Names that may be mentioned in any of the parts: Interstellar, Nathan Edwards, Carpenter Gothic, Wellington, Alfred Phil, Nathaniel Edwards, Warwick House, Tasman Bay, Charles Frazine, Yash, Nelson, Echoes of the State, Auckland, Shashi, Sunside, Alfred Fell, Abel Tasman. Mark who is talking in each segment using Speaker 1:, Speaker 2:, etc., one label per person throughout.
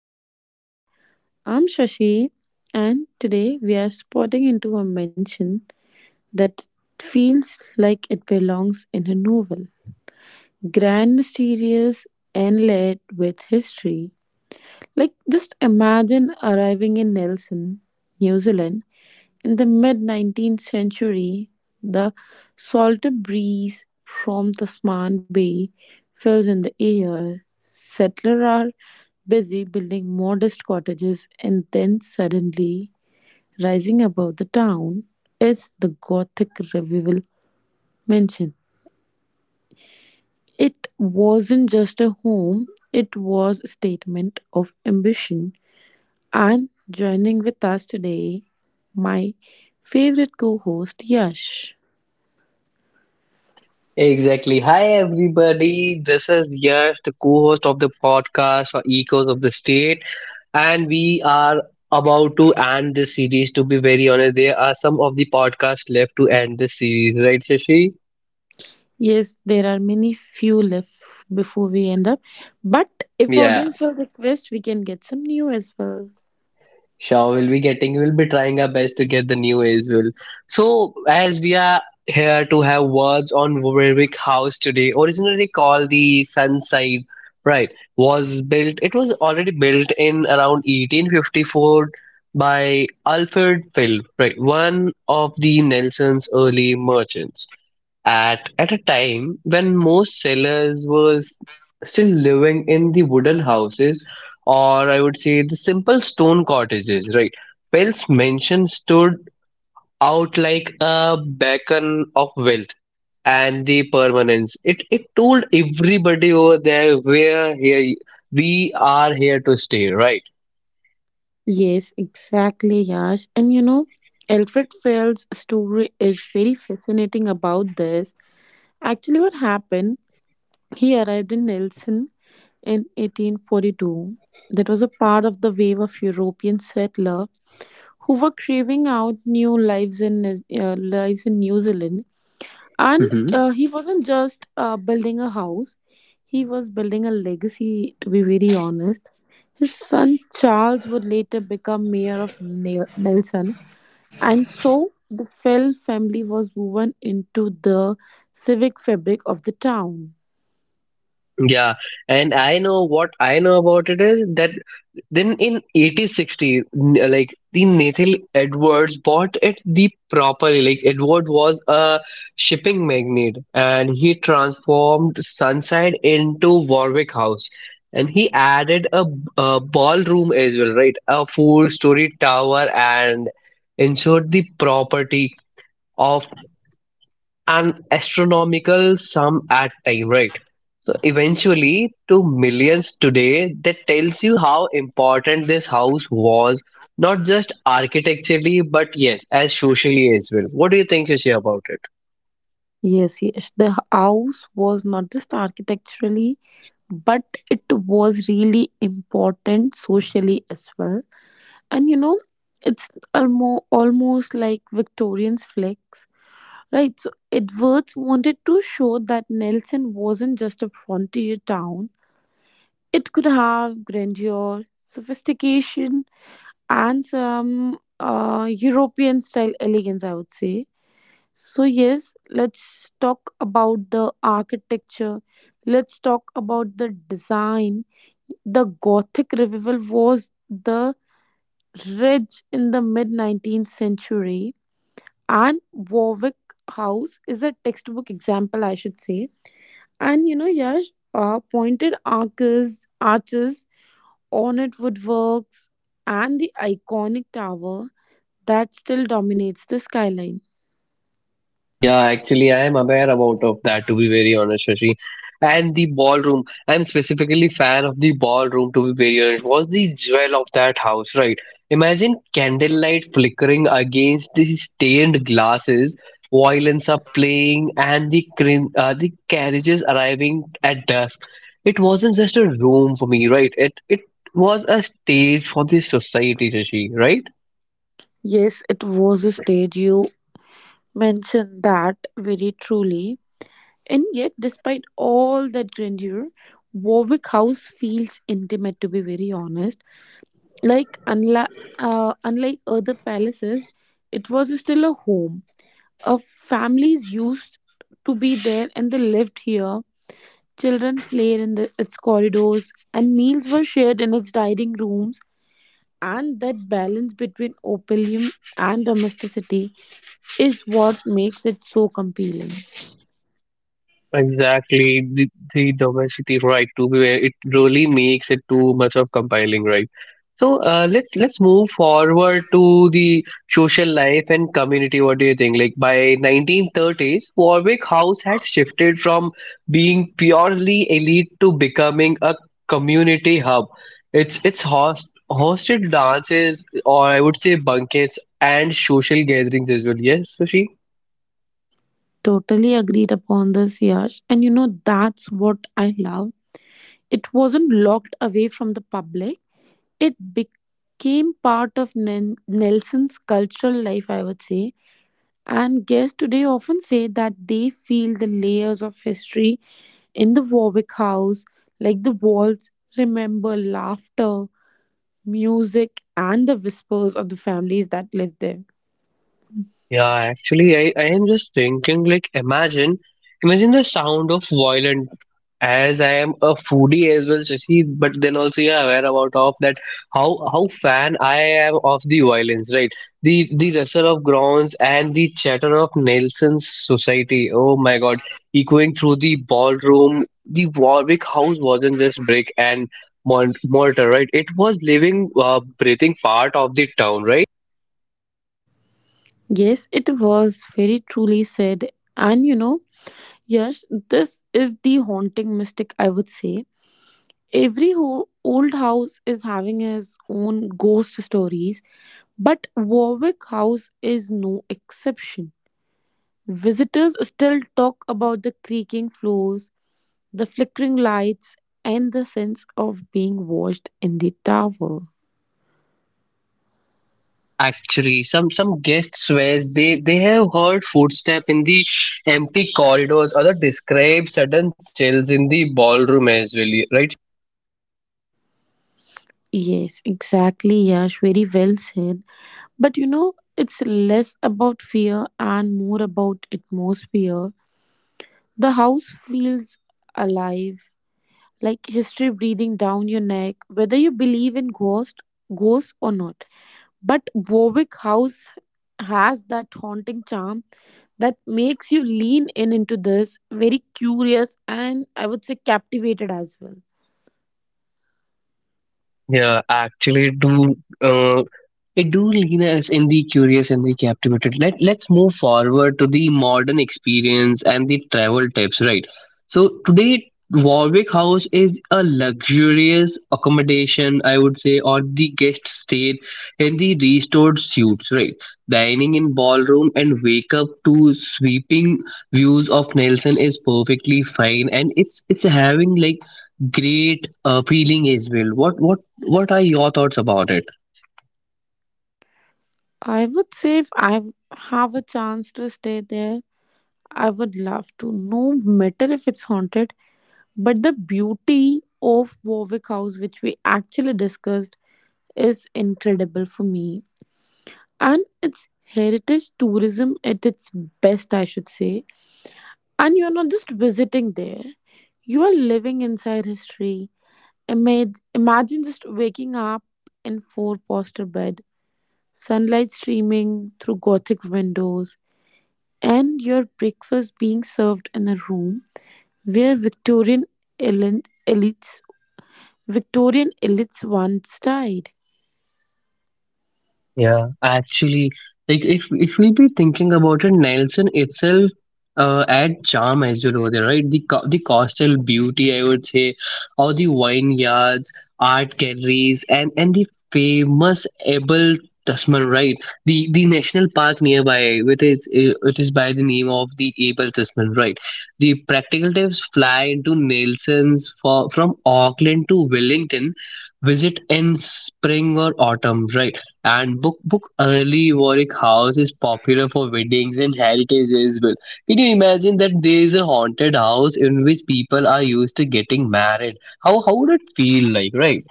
Speaker 1: of the State. I'm Shashi, and today we are spotting into a mention that feels like it belongs in a novel. Grand, mysterious, and layered with history. Like, just imagine arriving in Nelson, New Zealand, in the mid-19th century, the salty breeze from Tasman Bay fills in the air. Settlers are busy building modest cottages, and then suddenly, rising above the town, is the Gothic revival mansion. It wasn't just a home, it was a statement of ambition. And joining with us today, my favorite co host, Yash.
Speaker 2: Exactly. Hi, everybody. This is Yash, the co host of the podcast for Echoes of the State. And we are about to end this series. To be very honest, there are some of the podcasts left to end this series, right, Shashi?
Speaker 1: Yes, there are many few left before we end up. But if
Speaker 2: Yeah,
Speaker 1: audience will request, we can get some new as well.
Speaker 2: sure, we'll be trying our best to get the new as well. So, as we are here to have words on Warwick House today, originally called the Sunside, right? Was built, it was already built in around 1854 by Alfred Phil, right? One of the Nelson's early merchants at a time when most sellers were still living in the wooden houses, or I would say the simple stone cottages, right? Pell's mansion stood out like a beacon of wealth and the permanence. It told everybody over there, we're here, we are here to stay, right?
Speaker 1: Yes, exactly, Yash. And you know, Alfred Fell's story is very fascinating about this. Actually, what happened? He arrived in Nelson in 1842. That was a part of the wave of European settlers who were craving out new lives in New Zealand. and
Speaker 2: hmm
Speaker 1: uh, he wasn't just building a house. He was building a legacy, to be very honest. His son Charles would later become mayor of Nelson. And so the Fell family was woven into the civic fabric of the town.
Speaker 2: yeah, and I know, what I know about it is that then in 1860, like the Nathan Edwards bought it the properly. Like Edward was a shipping magnate, and he transformed Sunside into Warwick House, and he added a ballroom as well, right? A four-story tower, and ensured the property of an astronomical sum at time, right? So eventually to millions today, that tells you how important this house was, not just architecturally, but yes, as socially as well. What do you think, Rishi, about it?
Speaker 1: Yes, yes, the house was not just architecturally, but it was really important socially as well. And you know, it's almost like Victorian's flex. Right, so Edwards wanted to show that Nelson wasn't just a frontier town. It could have grandeur, sophistication, and some European style elegance, I would say. So, yes, let's talk about the architecture, let's talk about the design. The Gothic revival was the rage in the mid 19th century, and Warwick House is a textbook example, I should say. And you know, Yash, pointed arches, ornate woodworks, and the iconic tower that still dominates the skyline.
Speaker 2: Yeah, actually, I am aware about of that. To be very honest, Shashi, and the ballroom. I'm specifically fan of the ballroom. To be very honest, was the jewel of that house, right? Imagine candlelight flickering against the stained glasses, violins are playing, and the carriages arriving at dusk. It wasn't just a room for me, right? It was a stage for the society, Shashi, right?
Speaker 1: Yes, it was a stage. You mentioned that very truly. And yet, despite all that grandeur, Warwick House feels intimate, to be very honest. Like, unlike other palaces, it was still a home uh, families used to be there and they lived here. Children played in the, its corridors, and meals were shared in its dining rooms. And that balance between opium and domesticity is what makes it so compelling.
Speaker 2: Exactly, the domesticity, right? To be where it really makes it too much of compiling, right? So let's move forward to the social life and community. What do you think? Like by 1930s, Warwick House had shifted from being purely elite to becoming a community hub. It's hosted dances, or I would say banquets and social gatherings as well. Yes, Sushi.
Speaker 1: Totally agreed upon this, Yash. And you know, that's what I love. It wasn't locked away from the public, it became part of Nelson's cultural life, I would say. And guests today often say that they feel the layers of history in the Warwick House, like the walls remember laughter, music, and the whispers of the families that lived there.
Speaker 2: Yeah, actually, I am just thinking, like, imagine the sound of violin. As I am a foodie as well, Shashi, but then also you're aware about of that, how fan I am of the violins, right? The rustle of grounds and the chatter of Nelson's society. Oh my God, echoing through the ballroom, the Warwick House wasn't just brick and mortar, right? It was living, breathing part of the town, right?
Speaker 1: Yes, it was very truly said. And you know, yes, this is the haunting mystic, I would say. Every old house is having his own ghost stories, but Warwick House is no exception. Visitors still talk about the creaking floors, the flickering lights, and the sense of being watched in the tower.
Speaker 2: Actually, some guest swears they have heard footsteps in the empty corridors, or they describe sudden chills in the ballroom as well, right?
Speaker 1: Yes, exactly, Yash. Very well said. But you know, it's less about fear and more about atmosphere. The house feels alive, like history breathing down your neck, whether you believe in ghosts or not. But Warwick House has that haunting charm that makes you lean in into this, very curious and I would say captivated as well.
Speaker 2: Yeah, actually, do uh, it do lean us in the curious and the captivated. Let's move forward to the modern experience and the travel tips, right? So today, Warwick House is a luxurious accommodation, I would say, or the guest stayed in the restored suites, right? Dining in ballroom and wake up to sweeping views of Nelson is perfectly fine, and it's having like great feeling as well. What are your thoughts about it?
Speaker 1: I would say if I have a chance to stay there, I would love to. No matter if it's haunted, but the beauty of Warwick House, which we actually discussed, is incredible for me. And it's heritage tourism at its best, I should say. And you're not just visiting there, you are living inside history. Imagine just waking up in four-poster bed, sunlight streaming through gothic windows, and your breakfast being served in a room where elin- elites Victorian elites once died.
Speaker 2: Yeah, actually, like if we be thinking about it, Nelson itself add charm as well over there, right? The coastal beauty, I would say, or the vineyards, art galleries, and the famous Abel Tasman, right? The national park nearby, which is by the name of the Abel Tasman, right? The practical tips fly into Nelson's for from Auckland to Wellington, visit in spring or autumn, right? And book early Warwick House is popular for weddings and heritage as well. Can you imagine that there is a haunted house in which people are used to getting married? How would it feel like, right?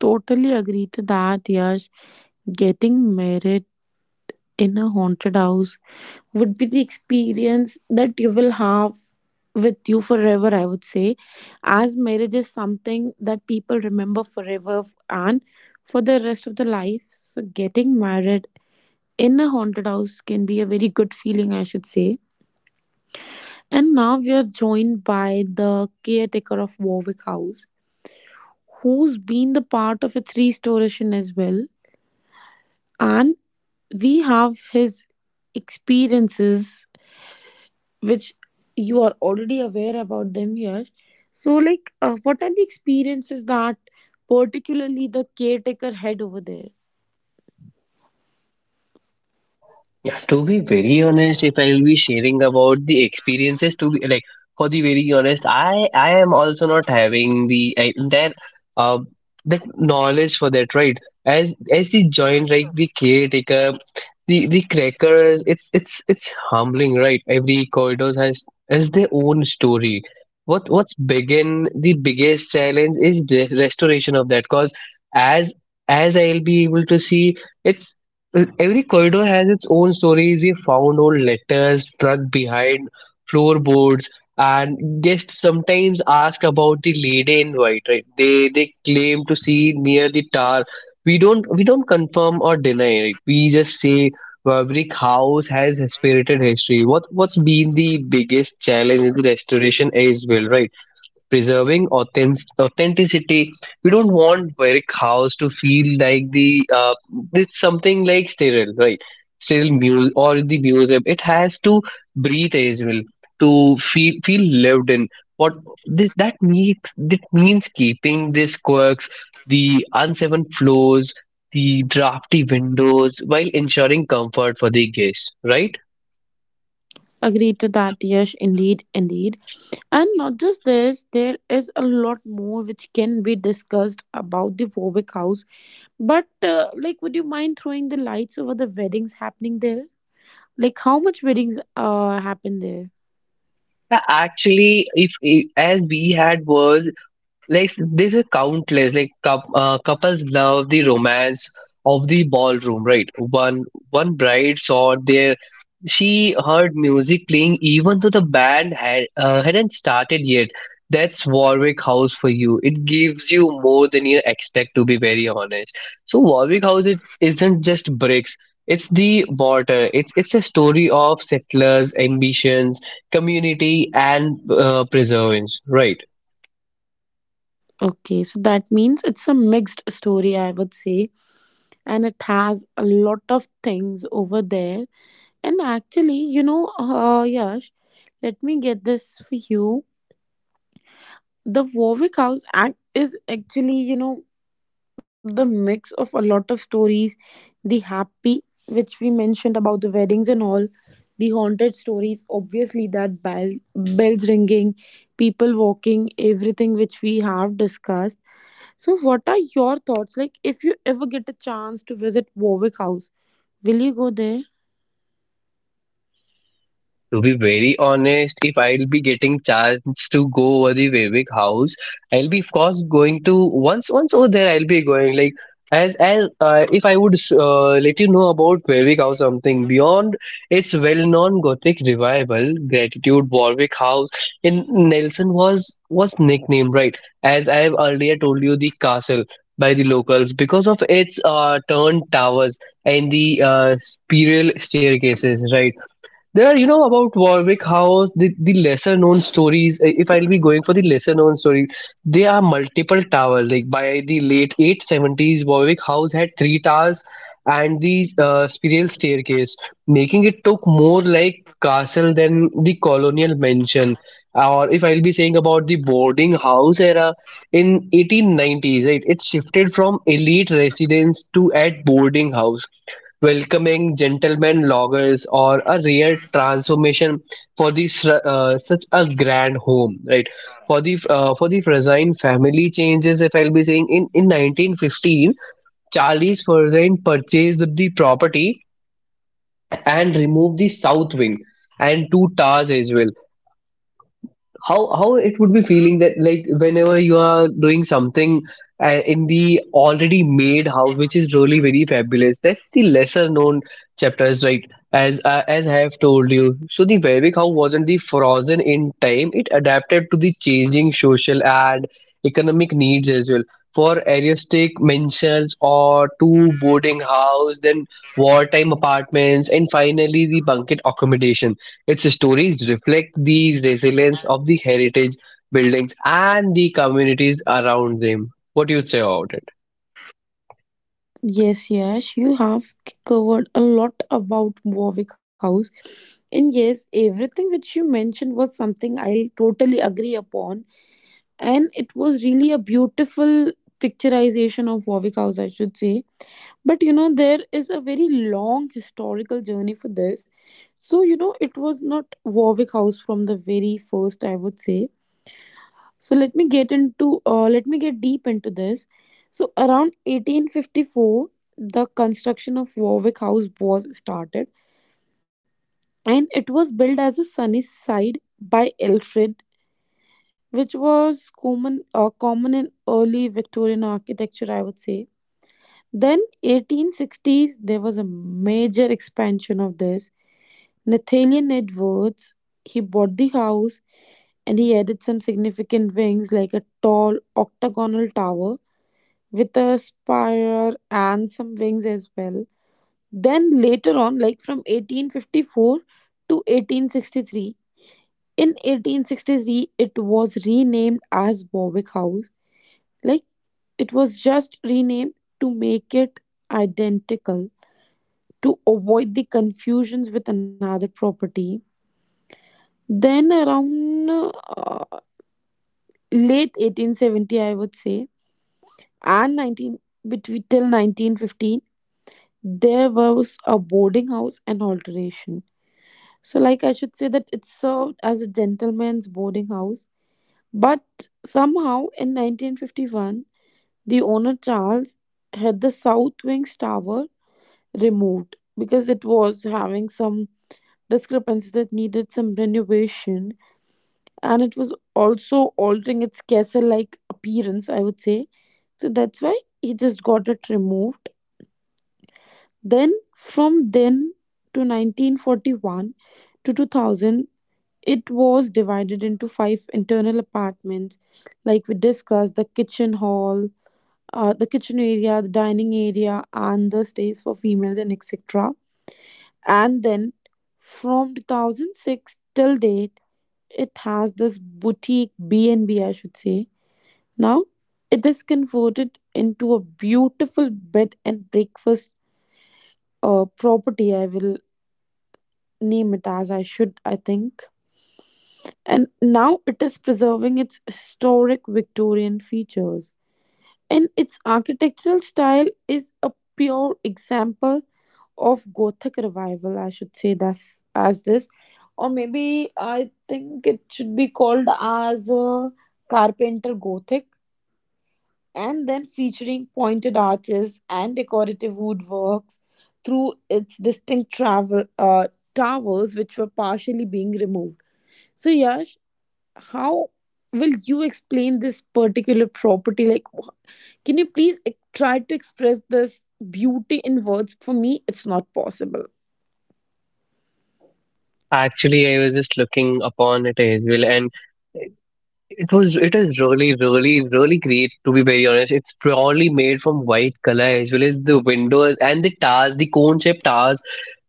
Speaker 1: Totally agree to that, Yash. Getting married in a haunted house would be the experience that you will have with you forever, I would say, as marriage is something that people remember forever and for the rest of their life. So getting married in a haunted house can be a very good feeling, I should say. And now we are joined by the caretaker of Warwick House, who's been the part of its restoration as well, and we have his experiences which you are already aware about them here. So, like, what are the experiences that particularly the caretaker had over there?
Speaker 2: Yeah, to be very honest, if I'll be sharing about the experiences, to be like for the very honest, I am also not having the I, that uh that knowledge for that, right? As the joint, like the caretaker, the crackers, it's humbling, right? Every corridor has their own story. What what's begin the biggest challenge is the restoration of that, cause as as I'll be able to see, it's every corridor has its own stories. We found old letters struck behind floorboards, and guests sometimes ask about the lady in white. Right? They claim to see near the tower. We don't confirm or deny. Right? We just say brick house has spirited history. What what's been the biggest challenge in the restoration as well? Right? Preserving authenticity. We don't want Warwick House to feel like the it's something like sterile, right? Sterile muse or the museum. It has to breathe as well to feel lived in. What this, that makes that means keeping these quirks, the unseen floors, the drafty windows, while ensuring comfort for the guests, right?
Speaker 1: Agree to that, Yash, indeed, indeed. And not just this, there is a lot more which can be discussed about the Warwick House. But, like, would you mind throwing the lights over the weddings happening there? Like, how much weddings happen there?
Speaker 2: Actually, if I- as we had was like there are countless like couples love the romance of the ballroom, right? One bride saw their she heard music playing even though the band hadn't started yet. That's Warwick House for you. It gives you more than you expect, to be very honest. So Warwick House, it isn't just bricks, it's the water. It's a story of settlers ambitions, community, and preservance, right?
Speaker 1: Okay, so that means it's a mixed story, I would say, and it has a lot of things over there. And actually, you know, Yash, let me get this for you. The Warwick House Act is actually, you know, the mix of a lot of stories, the happy, which we mentioned about the weddings and all, the haunted stories, obviously, that bells ringing, people walking, everything which we have discussed. So, what are your thoughts? Like, if you ever get a chance to visit Warwick House, will you go there?
Speaker 2: To be very honest, if I'll be getting chance to go over the Vivek house, I'll be of course going to once over there. I'll be going like as if I would let you know about Vivek house something beyond its well-known Gothic revival. Gratitude Warwick House in Nelson was nicknamed, right? As I have earlier told you, the castle, by the locals because of its turned towers and the spiral staircases, right? There are, you know, about Warwick House, the lesser known stories. If I'll be going for the lesser known story, there are multiple towers. Like by the late 870s, Warwick House had three towers and the spiral staircase, making it look more like castle than the colonial mansion. Or if I'll be saying about the boarding house era in 1890s, right, it shifted from elite residence to at boarding house welcoming gentleman loggers, or a rare transformation for such a grand home, right? For the Frazine family changes, if I'll be saying, in 1915 Charles Frazine purchased the property and removed the south wing and two towers as well. How it would be feeling that, like, whenever you are doing something in the already made house, which is really very fabulous. That's the lesser known chapters, right? As I have told you, so the Warwick house wasn't the frozen in time, it adapted to the changing social and economic needs as well. For aristocratic mansions or two boarding house, then wartime apartments, and finally the bunket accommodation. Its stories reflect the resilience of the heritage buildings and the communities around them. What do you say about it?
Speaker 1: Yes, yes, you have covered a lot about Warwick House. And yes, everything which you mentioned was something I totally agree upon. And it was really a beautiful picturization of Warwick House, I should say. But you know, there is a very long historical journey for this. So, you know, it was not Warwick House from the very first, I would say. So let me get deep into this. So around 1854, the construction of Warwick House was started, and it was built as a sunny side by Alfred, which was common in early Victorian architecture, I would say. Then 1860s, there was a major expansion of this. Nathaniel Edwards, he bought the house and he added some significant wings like a tall octagonal tower with a spire and some wings as well. Then later on, like from 1854 to 1863, in 1863 it was renamed as Warwick House. Like it was just renamed to make it identical to avoid the confusions with another property. Then around late 1870, I would say, and 19 between till 1915, there was a boarding house and alteration. So, like, I should say that it served as a gentleman's boarding house. But somehow, in 1951, the owner Charles had the south wing's tower removed because it was having some discrepancies that needed some renovation, and it was also altering its castle like appearance, I would say. So, that's why he just got it removed. Then, from then to 1941 to 2000, it was divided into five internal apartments, like we discussed the kitchen hall, the kitchen area, the dining area, and the stays for females, and etc. And then from 2006 till date, it has this boutique b and B, I should say. Now, it is converted into a beautiful bed and breakfast property, I will name it as I should, I think. And now it is preserving its historic Victorian features. And its architectural style is a pure example of Gothic revival, I should say this as this. Or maybe I think it should be called as a Carpenter Gothic, and then featuring pointed arches and decorative woodworks through its distinct travel towers which were partially being removed. So, Yash, how will you explain this particular property? Like, can you please try to express this beauty in words? For me, it's not possible.
Speaker 2: Actually, I was just looking upon it as well, and it was it is really, really, really great, to be very honest. It's probably made from white color, as well as the windows and the towers, the cone shaped towers.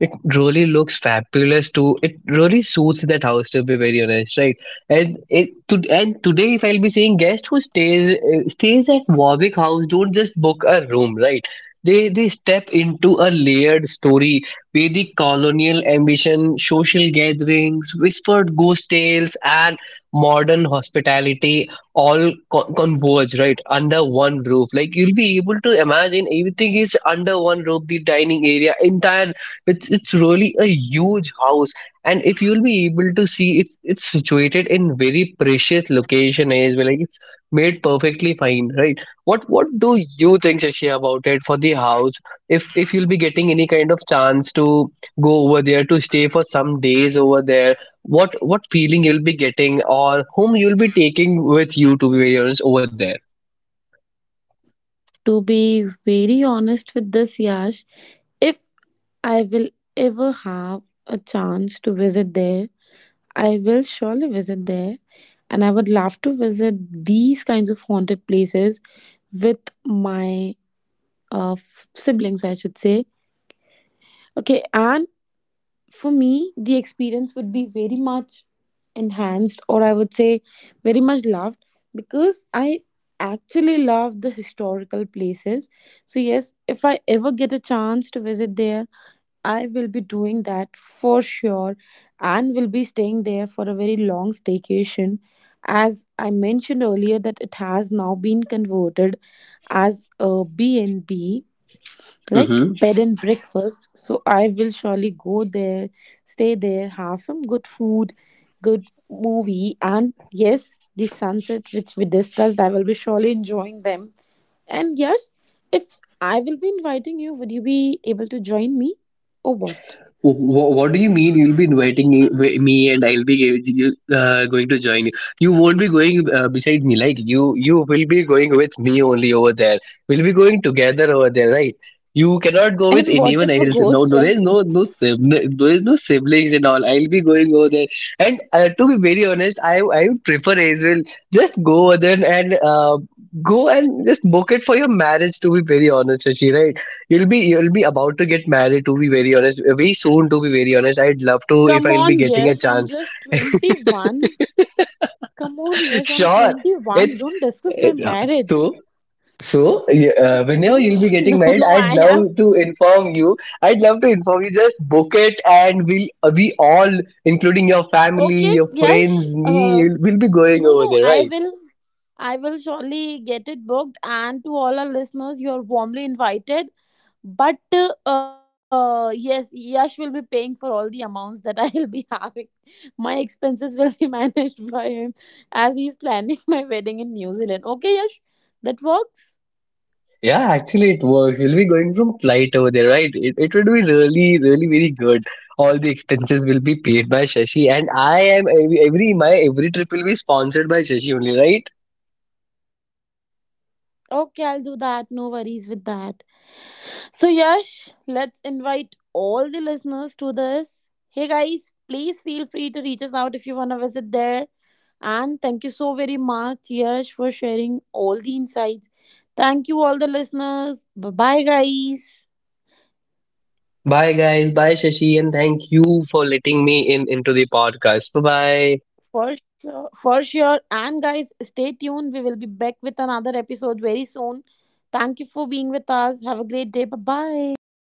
Speaker 2: It really looks fabulous too. It really suits that house, to be very honest, right? And it to, and today, if I'll be saying, guest who stays at Warwick House don't just book a room, right? They step into a layered story where the colonial ambition, social gatherings, whispered ghost tales, and modern hospitality all converge right under one roof. Like, you'll be able to imagine everything is under one roof, the dining area entire. It's really a huge house, and if you'll be able to see it, it's situated in very precious location as well. Like it's made perfectly fine, right? What do you think, Shashi, about it? For the house, if you'll be getting any kind of chance to go over there to stay for some days over there, what feeling you'll be getting, or whom you'll be taking with you, to be very honest, over
Speaker 1: To be very honest with this, Yash, if I will ever have a chance to visit there, I will surely visit there. And I would love to visit these kinds of haunted places with my siblings, I should say. Okay, and for me, the experience would be very much enhanced, or I would say very much loved, because I actually love the historical places. So, yes, if I ever get a chance to visit there, I will be doing that for sure and will be staying there for a very long staycation. As I mentioned earlier, that it has now been converted as a B and b, like
Speaker 2: there.
Speaker 1: bed and breakfast. So I will surely go there, stay there, have some good food, good movie, and yes, the sunset which we discussed. I will be surely enjoying them. And yes, if I will be inviting you, would you be able to join me or what?
Speaker 2: What do you mean? You'll be inviting me, and I'll be going to join you. You won't be going beside me, like You will be going with me only over there. We'll be going together over there, right? You cannot go with
Speaker 1: And what
Speaker 2: anyone
Speaker 1: if a
Speaker 2: else. No,
Speaker 1: ghost
Speaker 2: no,
Speaker 1: friend?
Speaker 2: there's no sibling, there's no siblings and all. I'll be going over there. And To be very honest, I would prefer as well. Just go over there and go and just book it for your marriage. To be very honest, Shashi, right? You'll be about to get married, to be very honest. Very soon, to be very honest. I'd love to if
Speaker 1: Come
Speaker 2: I'll be
Speaker 1: on,
Speaker 2: getting a
Speaker 1: yes, I'm
Speaker 2: chance.
Speaker 1: just 21. Come on, yes, I'm
Speaker 2: Sure.
Speaker 1: 21.
Speaker 2: It's
Speaker 1: Don't discuss my
Speaker 2: it,
Speaker 1: marriage.
Speaker 2: so so y- Whenever
Speaker 1: No,
Speaker 2: you'll be getting
Speaker 1: no, no,
Speaker 2: married,
Speaker 1: no,
Speaker 2: I'd
Speaker 1: I have.
Speaker 2: love to inform you. I'd love to inform you. Just book it, and we all, including your family,
Speaker 1: Okay,
Speaker 2: your
Speaker 1: yes,
Speaker 2: friends, me, we'll be going
Speaker 1: no,
Speaker 2: over
Speaker 1: no,
Speaker 2: there,
Speaker 1: I
Speaker 2: right?
Speaker 1: will. I will surely get it booked. And to all our listeners, you're warmly invited. But yes, Yash will be paying for all the amounts that I'll be having. My expenses will be managed by him as he's planning my wedding in New Zealand. Okay, Yash, that works.
Speaker 2: Yeah, actually, it works. We'll be going from flight over there, right? It would be really, really, very good. All the expenses will be paid by Shashi, and I am every trip will be sponsored by Shashi only, right?
Speaker 1: Okay, I'll do that. No worries with that. So, Yash, let's invite all the listeners to this. Hey guys, please feel free to reach us out if you want to visit there. And thank you so very much, Yash, for sharing all the insights. Thank you, all the listeners. Bye bye, guys.
Speaker 2: Bye, guys. Bye, Shashi, and thank you for letting me in into the podcast. Bye, bye.
Speaker 1: For sure, for sure. And guys, stay tuned. We will be back with another episode very soon. Thank you for being with us. Have a great day. Bye bye.